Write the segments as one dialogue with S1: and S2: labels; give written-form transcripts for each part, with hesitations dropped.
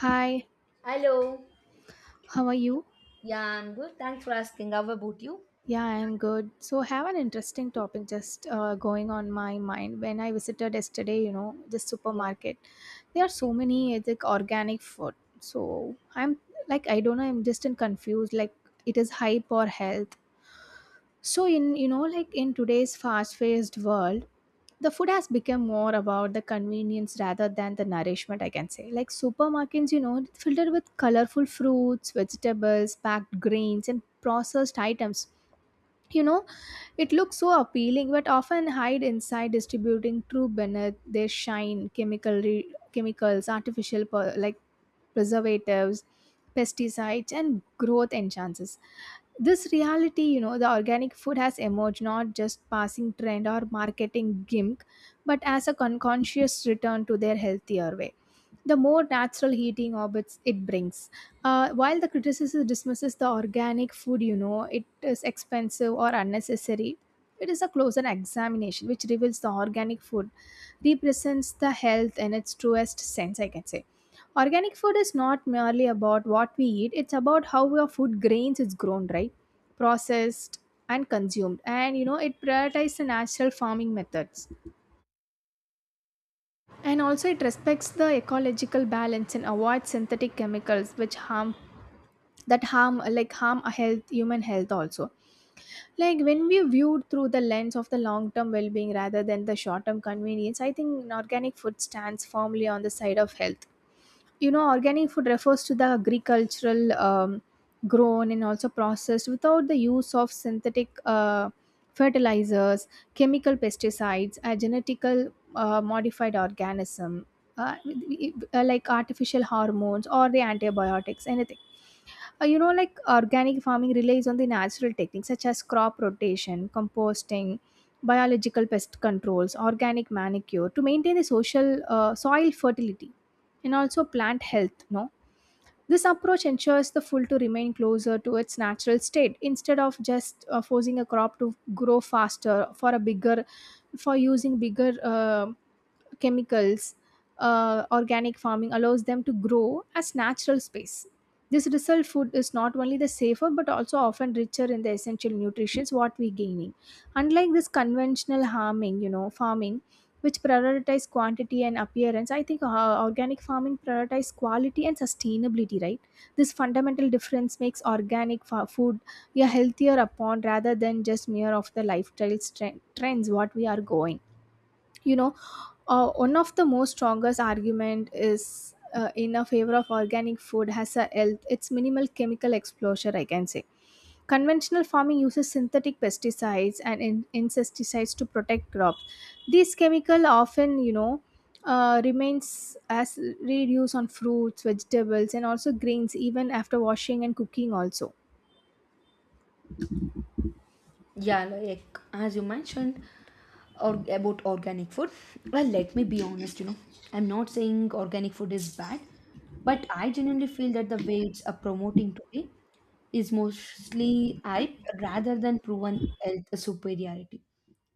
S1: Hi,
S2: Hello.
S1: how are you?
S2: Yeah, I'm good. Thanks for asking. How about you?
S1: Yeah, I'm good. So, I have an interesting topic just going on my mind. When I visited yesterday, the
S2: Yeah.
S1: supermarket, there are so many like organic food. So, I'm like, I don't know, I'm just in confused. Like, it is hype or health. So in like in today's fast-paced world, the food has become more about the convenience rather than the nourishment, I can say. Like supermarkets, filled with colorful fruits, vegetables, packed grains and processed items. You know, it looks so appealing, but often hide inside distributing true beneath their shine. Chemicals, artificial preservatives, pesticides, and growth enhancers. This reality, the organic food has emerged not just passing trend or marketing gimmick, but as a conscious return to their healthier way, the more natural heating orbits it brings. While the criticism dismisses the organic food, it is expensive or unnecessary. It is a closer examination which reveals the organic food represents the health in its truest sense, I can say. Organic food is not merely about what we eat, it's about how your food grains is grown, right? Processed and consumed. And it prioritizes the natural farming methods, and also it respects the ecological balance and avoids synthetic chemicals which harm, that harm, like harm a health human health also. Like when we viewed through the lens of the long term well being rather than the short term convenience, I think organic food stands firmly on the side of health. Organic food refers to the agricultural, grown and also processed without the use of synthetic fertilizers, chemical pesticides, a genetical modified organism, uh, like artificial hormones or the antibiotics, anything like organic farming relies on the natural techniques such as crop rotation, composting, biological pest controls, organic manicure to maintain the social soil fertility and also plant health. No, this approach ensures the food to remain closer to its natural state instead of just forcing a crop to grow faster for a bigger, for using bigger. Chemicals, organic farming allows them to grow as natural space. This result food is not only the safer but also often richer in the essential nutrients what we gaining. Unlike this conventional farming, which prioritize quantity and appearance, I think organic farming prioritize quality and sustainability, right? This fundamental difference makes organic food a healthier upon rather than just mere of the lifestyle trends what we are going you know uh, one of the most strongest argument is in a favor of organic food, has a health, it's minimal chemical exposure, I can say. Conventional farming uses synthetic pesticides and insecticides to protect crops. These chemical often remains as residues on fruits, vegetables, and also grains, even after washing and cooking also.
S2: Yeah, like as you mentioned or about organic food. Well, let me be honest, you know. I'm not saying organic food is bad, but I genuinely feel that the way it's promoting today is mostly hype rather than proven health superiority.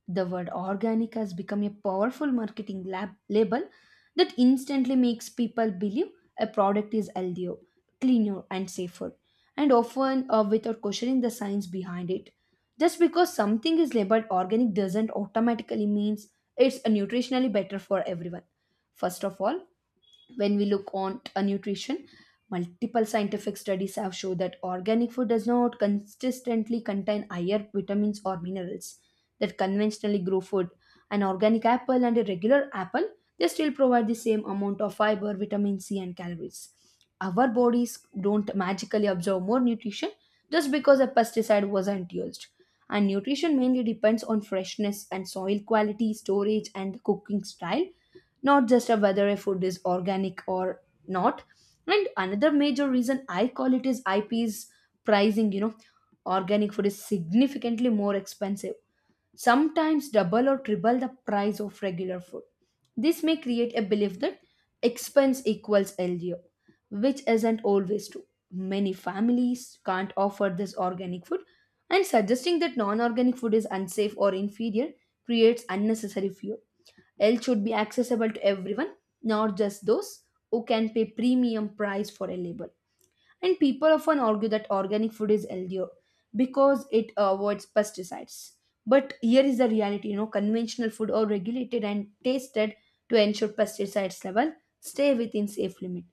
S2: The word organic has become a powerful marketing lab label that instantly makes people believe a product is healthier, cleaner, and safer, and often without questioning the science behind it. Just because something is labeled organic doesn't automatically means it's nutritionally better for everyone. First of all, when we look on a nutrition, multiple scientific studies have shown that organic food does not consistently contain higher vitamins or minerals that conventionally grow food. An organic apple and a regular apple, they still provide the same amount of fiber, vitamin c, and calories. Our bodies don't magically absorb more nutrition just because a pesticide wasn't used, and nutrition mainly depends on freshness and soil quality, storage and cooking style, not just a whether a food is organic or not. And another major reason I call it is ip's pricing, you know. Organic food is significantly more expensive, sometimes double or triple the price of regular food. This may create a belief that expense equals LDO, which isn't always true. Many families can't afford this organic food, and suggesting that non organic food is unsafe or inferior creates unnecessary fear. Health should be accessible to everyone, not just those who can pay premium price for a label. And people often argue that organic food is healthier because it avoids pesticides. But here is the reality, you know, conventional food are regulated and tasted to ensure pesticides level stay within safe limit.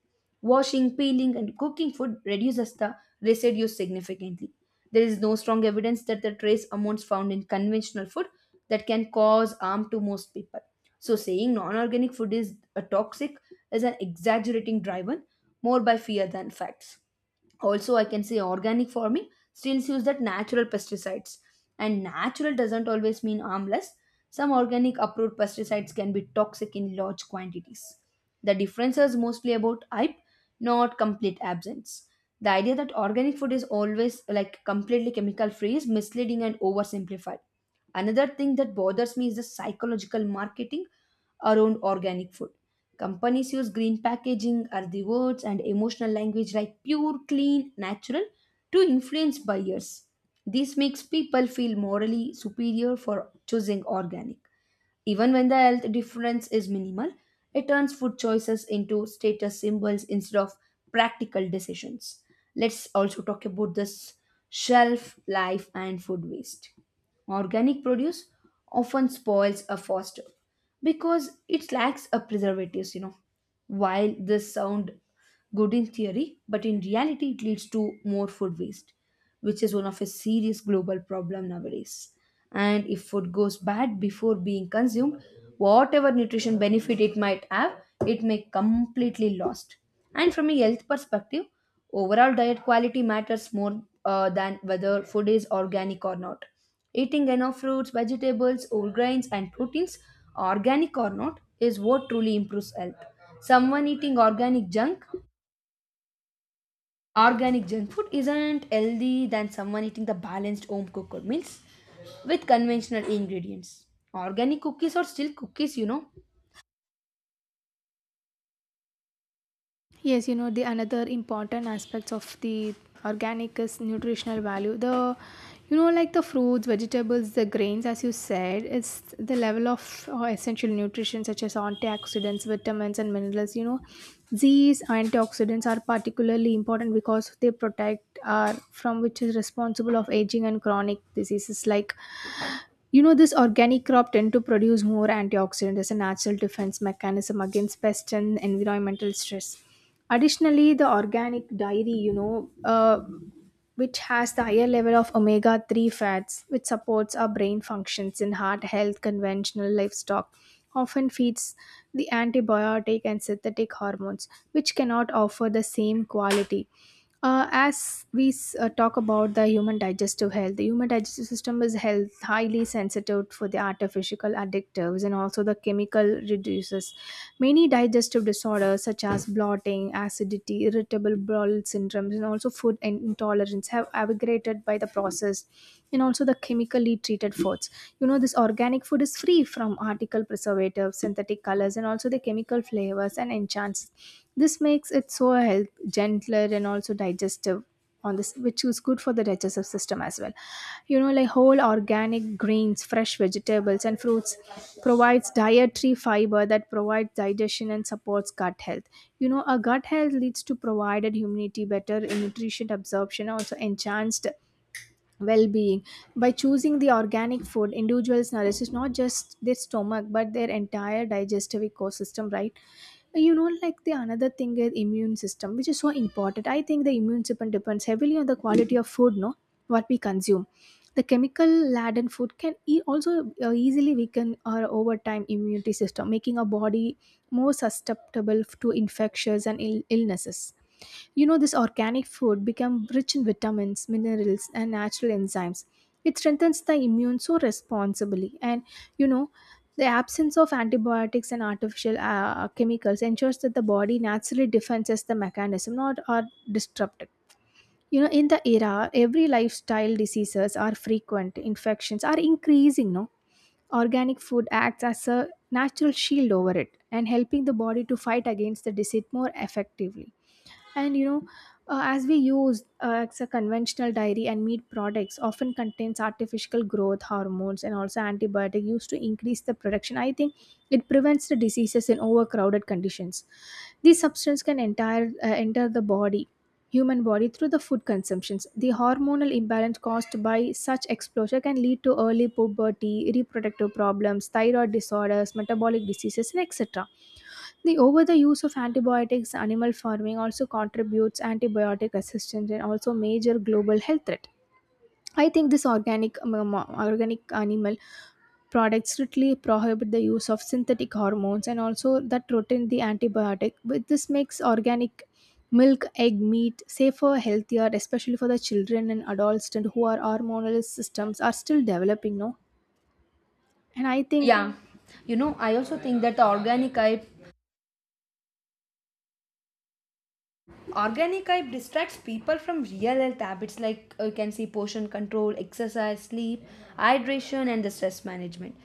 S2: Washing, peeling, and cooking food reduces the residue significantly. There is no strong evidence that the trace amounts found in conventional food that can cause harm to most people. So saying non-organic food is a toxic is an exaggerating driven more by fear than facts. Also, I can say organic farming still use that natural pesticides, and natural doesn't always mean harmless. Some organic approved pesticides can be toxic in large quantities. The difference is mostly about hype, not complete absence. The idea that organic food is always like completely chemical free is misleading and oversimplified. Another thing that bothers me is the psychological marketing around organic food. Companies use green packaging, earthy words, and emotional language like pure, clean, natural to influence buyers. This makes people feel morally superior for choosing organic. Even when the health difference is minimal, it turns food choices into status symbols instead of practical decisions. Let's also talk about this shelf life and food waste. Organic produce often spoils a faster because it lacks a preservatives, you know. While this sound good in theory, but in reality it leads to more food waste, which is one of a serious global problem nowadays. And if food goes bad before being consumed, whatever nutrition benefit it might have, it may completely lost. And from a health perspective, overall diet quality matters more than whether food is organic or not. Eating enough fruits, vegetables, whole grains, and proteins, organic or not, is what truly improves health. Someone eating organic junk Organic junk food isn't healthy than someone eating the balanced home cooked meals with conventional ingredients. Organic cookies are still cookies, you know.
S1: Yes, the another important aspects of the organic is nutritional value. The, like the fruits, vegetables, the grains, as you said, it's the level of essential nutrition such as antioxidants, vitamins, and minerals. These antioxidants are particularly important because they protect our from, which is responsible of aging and chronic diseases, like, this organic crop tend to produce more antioxidant as a natural defense mechanism against pest and environmental stress. Additionally, the organic dairy, which has the higher level of omega 3 fats, which supports our brain functions in heart health. Conventional livestock often feeds the antibiotic and synthetic hormones, which cannot offer the same quality. As we talk about the human digestive health, the human digestive system is health, highly sensitive for the artificial additives and also the chemical reduces. Many digestive disorders such as bloating, acidity, irritable bowel syndromes, and also food intolerance have aggravated by the processed and also the chemically treated foods. This organic food is free from article preservatives, synthetic colors, and also the chemical flavors and enchants. This makes it so health, gentler, and also digestive on this, which is good for the digestive system as well. Like whole organic grains, fresh vegetables, and fruits provides dietary fiber that provides digestion and supports gut health. A gut health leads to provided immunity, better nutrition absorption, also enhanced well-being. By choosing the organic food, individuals nourishes not just their stomach but their entire digestive ecosystem, right? Like the another thing is immune system, which is so important. I think the immune system depends heavily on the quality of food, no? What we consume, the chemical laden food can also easily weaken our over time immunity system, making our body more susceptible to infections and illnesses. This organic food become rich in vitamins, minerals, and natural enzymes. It strengthens the immune so responsibly. And you know the absence of antibiotics and artificial chemicals ensures that the body naturally defenses the mechanism not are disrupted. In the era, every lifestyle diseases are frequent, infections are increasing, no? Organic food acts as a natural shield over it, and helping the body to fight against the disease more effectively. And as we use, it's a conventional dairy and meat products often contains artificial growth hormones and also antibiotic used to increase the production, I think. It prevents the diseases in overcrowded conditions. These substances can enter the body, human body, through the food consumptions. The hormonal imbalance caused by such exposure can lead to early puberty, reproductive problems, thyroid disorders, metabolic diseases, and etc. The over the use of antibiotics, animal farming, also contributes antibiotic resistance and also major global health threat. I think this organic animal products strictly prohibit the use of synthetic hormones and also that rotate the antibiotic. But this makes organic milk, egg, meat safer, healthier, especially for the children and adolescents who are hormonal systems are still developing. No, and I think,
S2: Yeah. You know, I also think that the organic hype distracts people from real health habits like you can see portion control, exercise, sleep, hydration, and the stress management.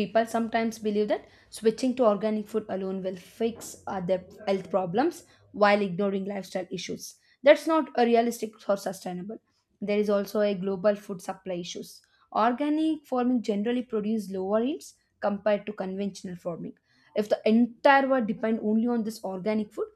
S2: People sometimes believe that switching to organic food alone will fix their health problems while ignoring lifestyle issues. That's not a realistic or sustainable. There is also a global food supply issues. Organic farming generally produces lower yields compared to conventional farming. If the entire world depend only on this organic food,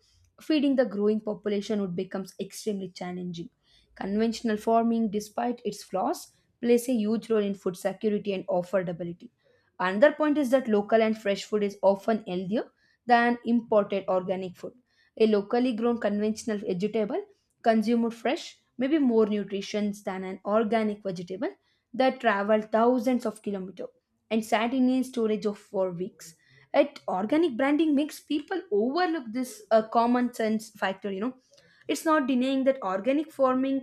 S2: feeding the growing population would becomes extremely challenging. Conventional farming, despite its flaws, plays a huge role in food security and affordability. Another point is that local and fresh food is often healthier than imported organic food. A locally grown conventional vegetable consumer fresh may be more nutritious than an organic vegetable that traveled thousands of kilometers and sat in a storage of for weeks. At organic branding makes people overlook this common sense factor, you know. It's not denying that organic farming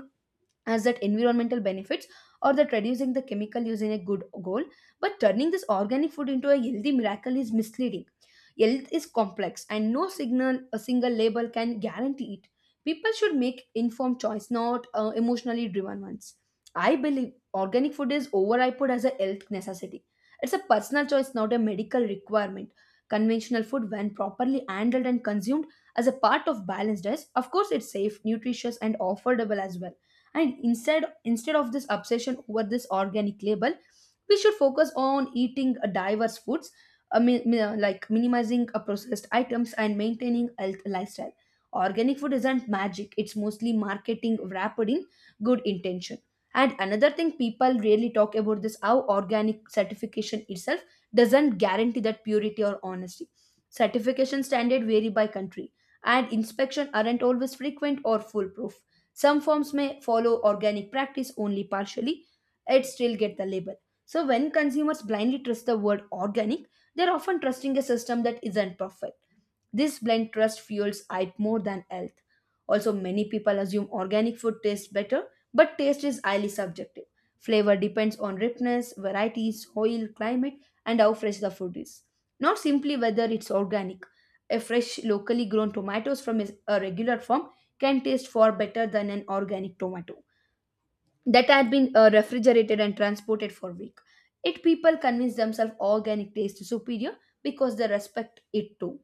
S2: as that environmental benefits or that reducing the chemical use in a good goal, but turning this organic food into a healthy miracle is misleading. Health is complex and no signal a single label can guarantee it. People should make informed choice, not emotionally driven ones. I believe organic food is overhyped as a health necessity. It's a personal choice, not a medical requirement. Conventional food, when properly handled and consumed as a part of balanced diet, of course it's safe, nutritious, and affordable as well. And instead of this obsession over this organic label, we should focus on eating diverse foods, like minimizing processed items and maintaining health lifestyle. Organic food isn't magic, it's mostly marketing wrapped in good intention. And another thing people really talk about this, how organic certification itself doesn't guarantee that purity or honesty. Certification standard vary by country, and inspection aren't always frequent or foolproof. Some firms may follow organic practice only partially, it still get the label. So when consumers blindly trust the word organic, they're often trusting a system that isn't perfect. This blind trust fuels hype more than health. Also, many people assume organic food tastes better, but taste is highly subjective. Flavor depends on ripeness, varieties, soil, climate, and how fresh the food is. Not simply whether it's organic. A fresh, locally grown tomatoes from a regular farm can taste far better than an organic tomato that had been refrigerated and transported for week. It people convince themselves organic taste is superior because they respect it too.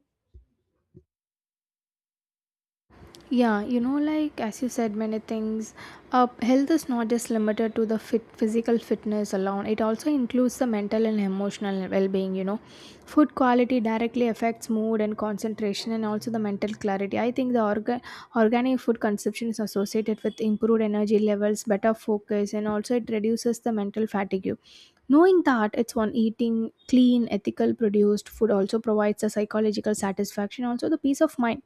S1: yeah, like as you said, many things. Health is not just limited to the fit physical fitness alone. It also includes the mental and emotional well-being. Food quality directly affects mood and concentration, and also the mental clarity. I think the organic food consumption is associated with improved energy levels, better focus, and also it reduces the mental fatigue. Knowing that it's on eating clean, ethical produced food also provides a psychological satisfaction, also the peace of mind.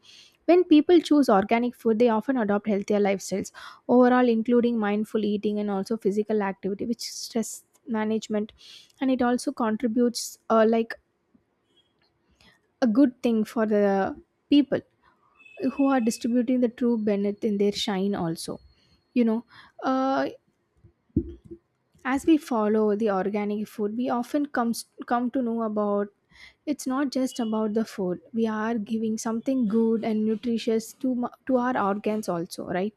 S1: When people choose organic food, they often adopt healthier lifestyles, overall, including mindful eating and also physical activity, which stress management, and it also contributes like a good thing for the people who are distributing the true benefit in their shine also. you know uh, As we follow the organic food, we often come to know about, it's not just about the food. We are giving something good and nutritious to our organs also, right?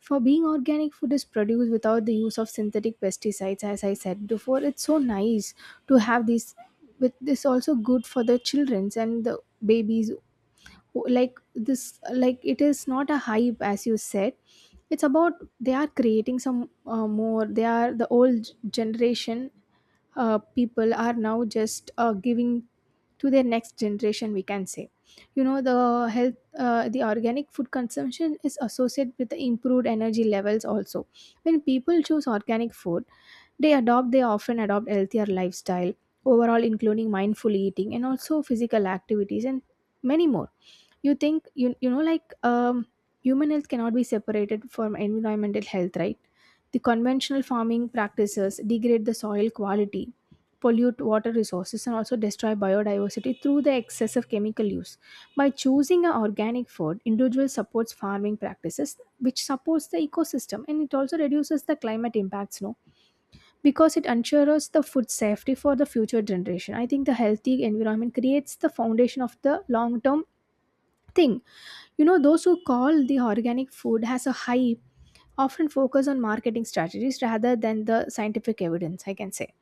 S1: For being organic food is produced without the use of synthetic pesticides, as I said before, it's so nice to have these. With this, also good for the childrens and the babies, like this, like it is not a hype, as you said. It's about, they are creating some more, they are the old generation. People are now just giving to their next generation, we can say. The health, the organic food consumption is associated with the improved energy levels also. When people choose organic food, they often adopt healthier lifestyle overall, including mindful eating and also physical activities, and many more. You think you you know like um, human health cannot be separated from environmental health, right? The conventional farming practices degrade the soil quality, pollute water resources, and also destroy biodiversity through the excessive chemical use. By choosing an organic food, individual supports farming practices which supports the ecosystem, and it also reduces the climate impacts, no? Because it ensures the food safety for the future generation, I think the healthy environment creates the foundation of the long term thing. Those who call the organic food as a hype often focus on marketing strategies rather than the scientific evidence, I can say.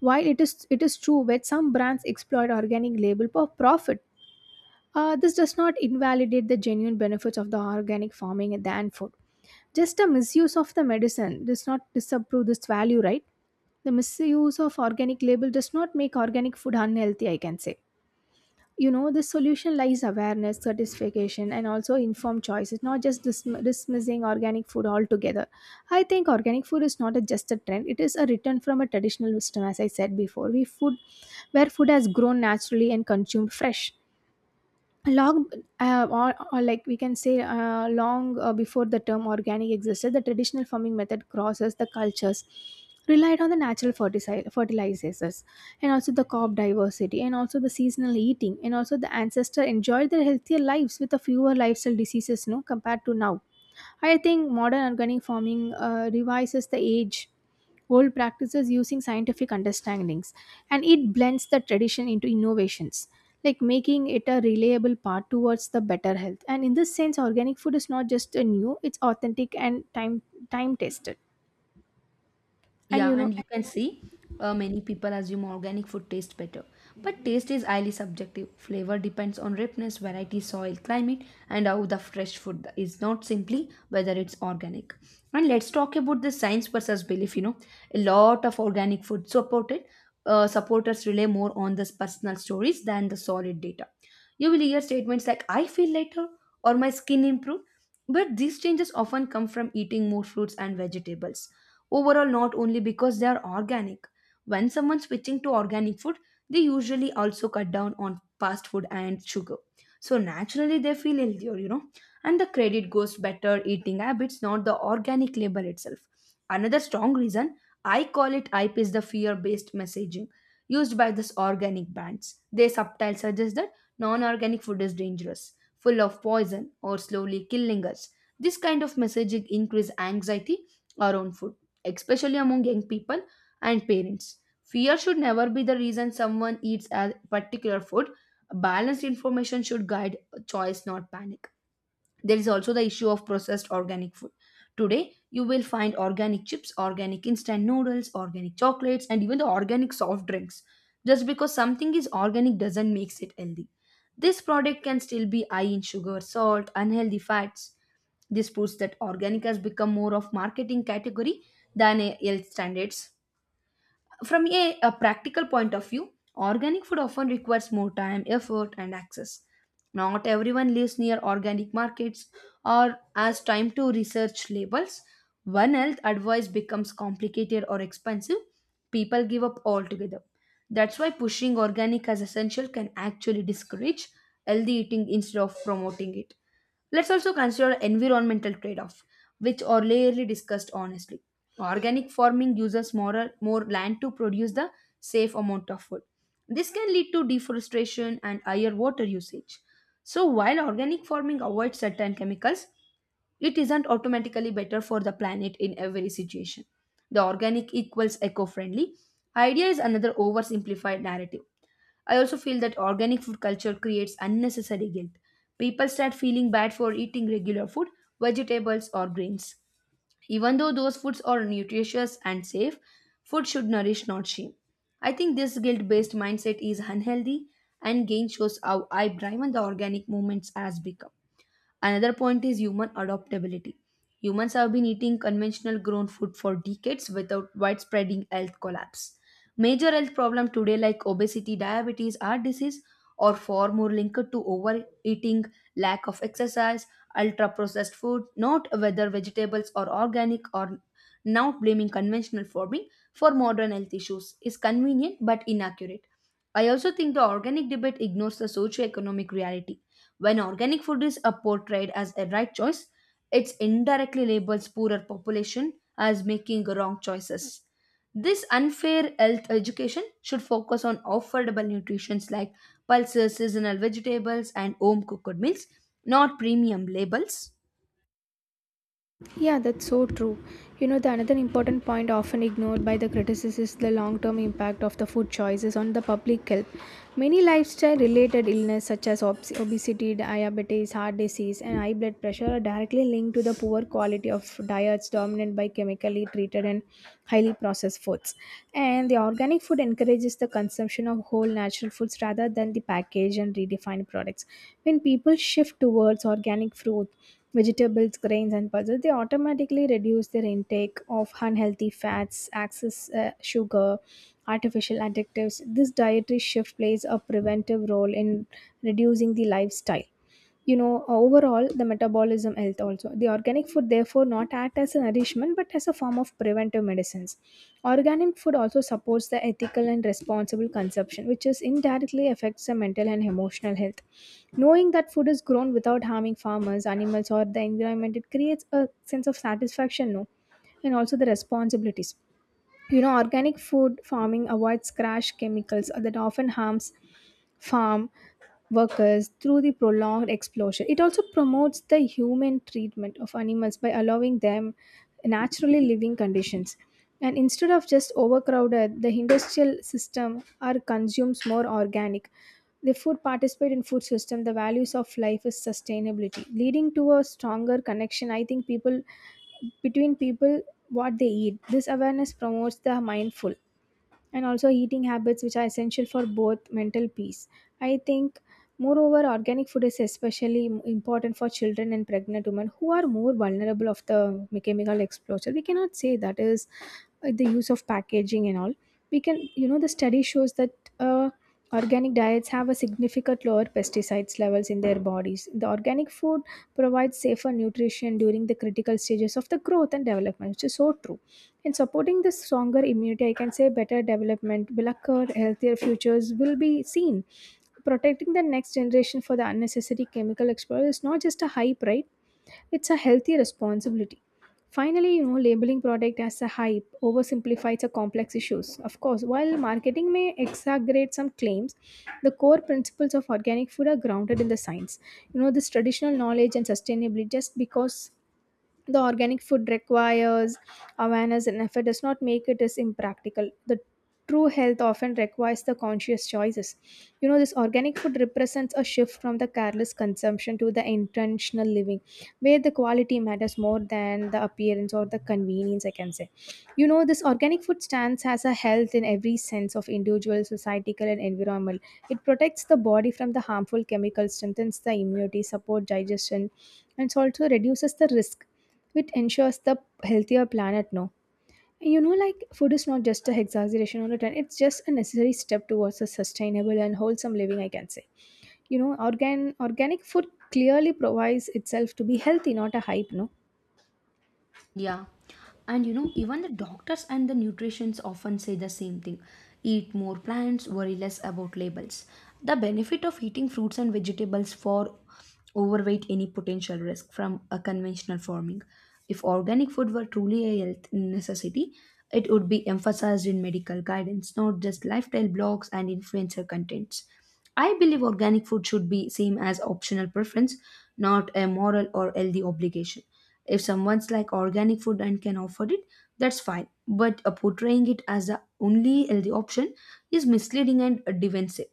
S1: While it is true that some brands exploit organic label for profit, this does not invalidate the genuine benefits of the organic farming and the food. Just a misuse of the medicine does not disapprove this value, right? The misuse of organic label does not make organic food unhealthy, I can say. You know, the solution lies awareness certification and also informed choices, not just dismissing organic food altogether. I think organic food is not a, just a trend, it is a return from a traditional wisdom, as I said before we food, where food has grown naturally and consumed fresh long. Or like we can say, long before the term organic existed, the traditional farming method crosses the cultures, relied on the natural fertilizers and also the crop diversity and also the seasonal eating. And also the ancestor enjoyed their healthier lives with a fewer lifestyle diseases, no, compared to now. I think modern organic farming revises the age old practices using scientific understandings, and it blends the tradition into innovations, like making it a reliable path towards the better health. And in this sense organic food is not just a new, it's authentic and time tested. And you
S2: Yeah,
S1: know.
S2: and you can see many people assume organic food tastes better. But taste is highly subjective. Flavor depends on ripeness, variety, soil, climate, and how the fresh food is, not simply whether it's organic. And let's talk about the science versus belief. You know, a lot of organic food supported supporters rely more on the personal stories than the solid data. You will hear statements like "I feel lighter" or "My skin improved," but these changes often come from eating more fruits and vegetables overall, not only because they are organic. When someone switching to organic food, they usually also cut down on fast food and sugar, so naturally they feel healthier, you know. And the credit goes better eating habits, not the organic label itself. Another strong reason I call it hype is the fear based messaging used by this organic brands. They subtly suggest that non-organic food is dangerous, full of poison, or slowly killing us. This kind of messaging increase anxiety around food, especially among young people and parents. Fear should never be the reason someone eats a particular food. Balanced information should guide choice, not panic. There is also the issue of processed organic food. Today, you will find organic chips, organic instant noodles, organic chocolates, and even the organic soft drinks. Just because something is organic doesn't make it healthy. This product can still be high in sugar, salt, unhealthy fats. This proves that organic has become more of marketing category than a health standards. From a practical point of view, organic food often requires more time, effort, and access. Not everyone lives near organic markets or has time to research labels. When health advice becomes complicated or expensive, people give up altogether. That's why pushing organic as essential can actually discourage healthy eating instead of promoting it. Let's also consider environmental trade off which are rarely discussed honestly. Organic farming uses more land to produce the safe amount of food. This can lead to deforestation and higher water usage. So, while organic farming avoids certain chemicals, it isn't automatically better for the planet in every situation. The organic equals eco friendly idea is another oversimplified narrative. I also feel that organic food culture creates unnecessary guilt. People start feeling bad for eating regular food, vegetables, or grains. Even though those foods are nutritious and safe, food should nourish, not shame. I think this guilt based mindset is unhealthy and gain shows how I driven the organic movements has become. Another point is human adaptability. Humans have been eating conventional grown food for decades without widespread health collapse. Major health problems today, like obesity, diabetes, heart disease, are far more linked to overeating, lack of exercise, ultra processed food, not whether vegetables are organic or now, blaming conventional farming for modern health issues is convenient but inaccurate. I also think the organic debate ignores the socio-economic reality when organic food is portrayed as a right choice, it indirectly labels poorer population as making wrong choices. This unfair health education should focus on affordable nutritions like pulses, seasonal vegetables, and home cooked meals, not premium labels.
S1: Yeah, that's so true. You know, the another important point often ignored by the critics is the long-term impact of the food choices on the public health. Many lifestyle-related illness such as obesity, diabetes, heart disease, and high blood pressure are directly linked to the poor quality of diets dominant by chemically treated and highly processed foods. And the organic food encourages the consumption of whole natural foods rather than the packaged and redefined products. When people shift towards organic fruit, vegetables, grains, and pulses, they automatically reduce their intake of unhealthy fats, excess sugar, artificial additives. This dietary shift plays a preventive role in reducing the lifestyle. You know, overall the metabolism health, also the organic food therefore not act as a nourishment but as a form of preventive medicines. Organic food also supports the ethical and responsible consumption, which is indirectly affects the mental and emotional health. Knowing that food is grown without harming farmers, animals, or the environment, it creates a sense of satisfaction, no, and also the responsibilities. You know, organic food farming avoids crash chemicals that often harms farm workers through the prolonged exposure. It also promotes the human treatment of animals by allowing them naturally living conditions. And instead of just overcrowded, the industrial system are consumes more organic. The food participate in food system, the values of life is sustainability, leading to a stronger connection. I think people, between people, what they eat. This awareness promotes the mindful and also eating habits, which are essential for both mental peace. I think, moreover, organic food is especially important for children and pregnant women who are more vulnerable of the chemical exposure. We cannot say that is the use of packaging and all. We can, you know, the study shows that. Uh, Organic diets have a significant lower pesticides levels in their bodies. The organic food provides safer nutrition during the critical stages of the growth and development, which is so true in supporting this stronger immunity, I can say, better development will occur, healthier futures will be seen. Protecting the next generation for the unnecessary chemical exposure is not just a hype, right? It's a healthy responsibility. Finally, you know, labeling product as a hype oversimplifies the complex issues. Of course, while marketing may exaggerate some claims, the core principles of organic food are grounded in the science. You know, this traditional knowledge and sustainability, just because the organic food requires awareness and effort does not make it as impractical. The true health often requires the conscious choices. You know, this organic food represents a shift from the careless consumption to the intentional living, where the quality matters more than the appearance or the convenience, I can say. You know, this organic food stands as a health in every sense of individual, societal, and environment. It protects the body from the harmful chemicals, strengthens the immunity, support digestion, and it also reduces the risk, which ensures the healthier planet now. And you know, like food is not just a exaggeration on return, it's just a necessary step towards a sustainable and wholesome living, I can say. You know, organic food clearly provides itself to be healthy, not a hype, no?
S2: Yeah. And you know, even the doctors and the nutritionists often say the same thing. Eat more plants, worry less about labels. The benefit of eating fruits and vegetables for overweight any potential risk from a conventional farming. If organic food were truly a health necessity, it would be emphasized in medical guidance, not just lifestyle blogs and influencer contents. I believe organic food should be seen as optional preference, not a moral or healthy obligation. If someone's like organic food and can afford it, that's fine. But portraying it as the only healthy option is misleading and defensive.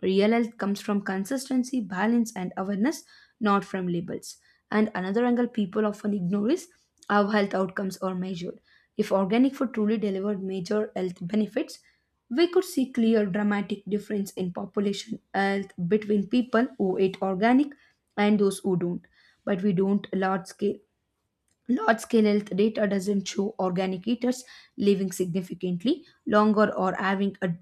S2: Real health comes from consistency, balance, and awareness, not from labels. And another angle people often ignore is how health outcomes are measured. If organic food truly delivered major health benefits, we could see clear dramatic difference in population health between people who eat organic and those who don't. But we don't large scale Large scale health data doesn't show organic eaters living significantly longer or having a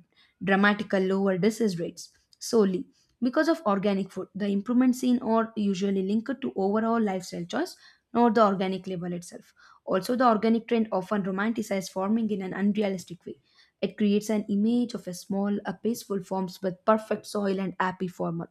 S2: dramatical lower disease rates solely because of organic food. The improvements seen are usually linked to overall lifestyle choice, not the organic label itself. Also, the organic trend often romanticizes farming in an unrealistic way. It creates an image of a small, a peaceful farms with perfect soil and happy farmer.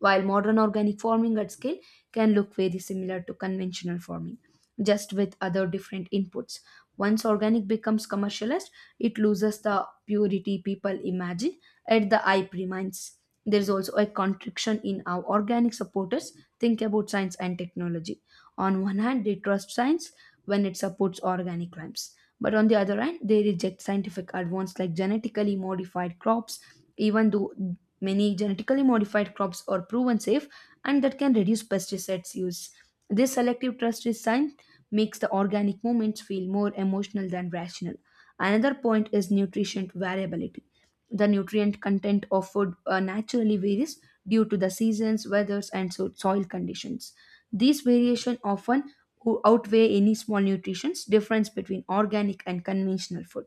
S2: While modern organic farming at scale can look very similar to conventional farming just with other different inputs. Once organic becomes commercialized, it loses the purity people imagine at the eye remains. There is also a contradiction in how organic supporters think about science and technology. On one hand, they trust science when it supports organic claims, but on the other hand, they reject scientific advance like genetically modified crops, even though many genetically modified crops are proven safe and that can reduce pesticides use. This selective trust is sign makes the organic moments feel more emotional than rational. Another point is nutrition variability. The nutrient content of food naturally varies due to the seasons, weathers, and so soil conditions. These variation often outweigh any small nutrients difference between organic and conventional food.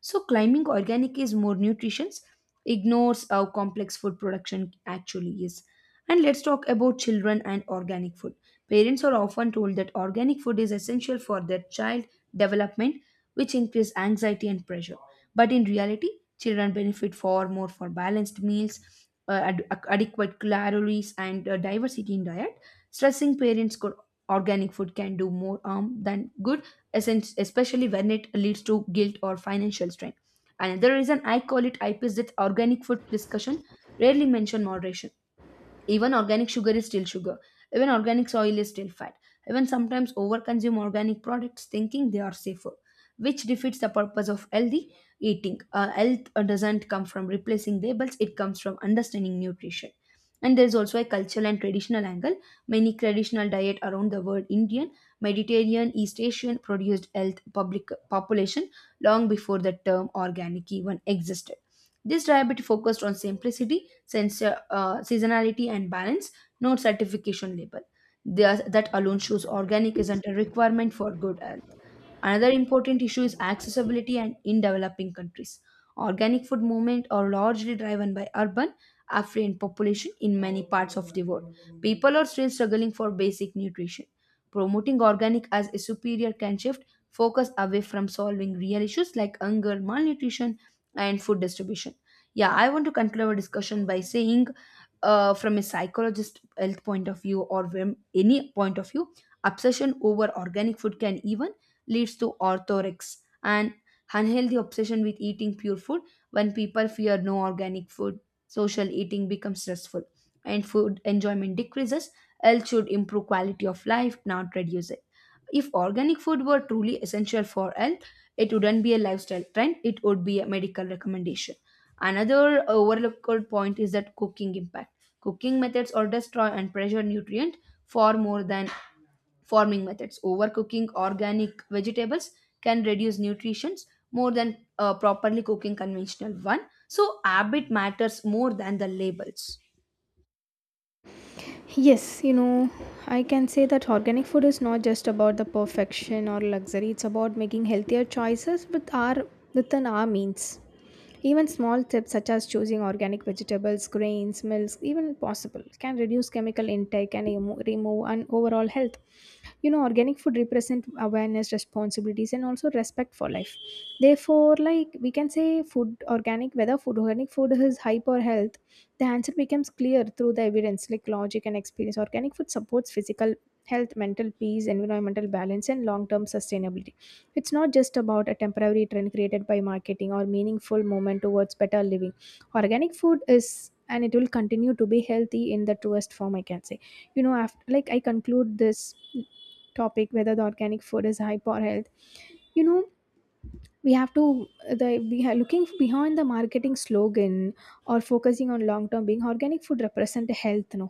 S2: So climbing organic is more nutrients ignores how complex food production actually is. And let's talk about children and organic food. Parents are often told that organic food is essential for their child development, which increase anxiety and pressure. But in reality, children benefit far more for balanced meals, adequate calories, and diversity in diet. Stressing parents could organic food can do more harm than good, especially when it leads to guilt or financial strain. Another reason I call it IP is that organic food discussion rarely mention moderation, even organic sugar is still sugar, even organic soil is still fat, even sometimes overconsume organic products thinking they are safer, which defeats the purpose of healthy eating. Health doesn't come from replacing labels, it comes from understanding nutrition. And there's also a cultural and traditional angle. Many traditional diet around the world, Indian, Mediterranean, East Asian, produced health public population long before the term organic even existed. This diet focused on simplicity, since seasonality and balance, not certification label. There's, that alone shows organic isn't a requirement for good health. Another important issue is accessibility and in developing countries. Organic food movement are largely driven by urban, affluent population in many parts of the world. People are still struggling for basic nutrition. Promoting organic as a superior can shift focus away from solving real issues like hunger, malnutrition, and food distribution. Yeah, I want to conclude our discussion by saying, from a psychologist health point of view or from any point of view, obsession over organic food can even leads to orthorex and unhealthy obsession with eating pure food when people fear no organic food. Social eating becomes stressful and food enjoyment decreases. Health should improve quality of life, not reduce it. If organic food were truly essential for health, it wouldn't be a lifestyle trend, it would be a medical recommendation. Another overlooked point is that cooking impact. Cooking methods or destroy and pressure nutrient far more than farming methods. Overcooking organic vegetables can reduce nutrients more than properly cooking conventional one. So habit matters more than the labels.
S1: Yes, you know, I can say that organic food is not just about the perfection or luxury, it's about making healthier choices with our, within our means. Even small tips such as choosing organic vegetables, grains, milks, even possible, can reduce chemical intake and remove an overall health. You know, organic food represent awareness, responsibilities, and also respect for life. Therefore, like we can say, food organic, whether food organic food is hype or health, the answer becomes clear through the evidence, like logic and experience. Organic food supports physical health, mental peace, environmental balance, and long-term sustainability. It's not just about a temporary trend created by marketing or meaningful moment towards better living. Organic food is, and it will continue to be healthy in the truest form, I can say. You know, after like I conclude this topic, whether the organic food is hype or health, you know, we have to, the we are looking behind the marketing slogan or focusing on long term being organic food represent health, no?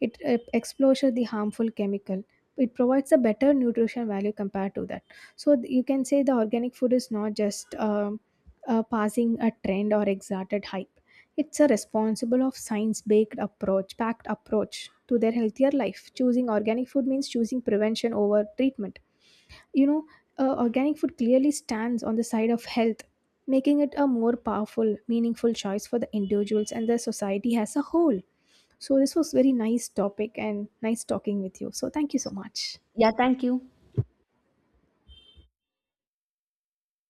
S1: It exposure the harmful chemical, it provides a better nutrition value compared to that. So you can say the organic food is not just passing a trend or exalted hype. It's a responsible of science based approach, packed approach to their healthier life. Choosing organic food means choosing prevention over treatment. You know, organic food clearly stands on the side of health, making it a more powerful meaningful choice for the individuals and the society as a whole. So this was very nice topic and nice talking with you, so thank you so much.
S2: Yeah, thank you.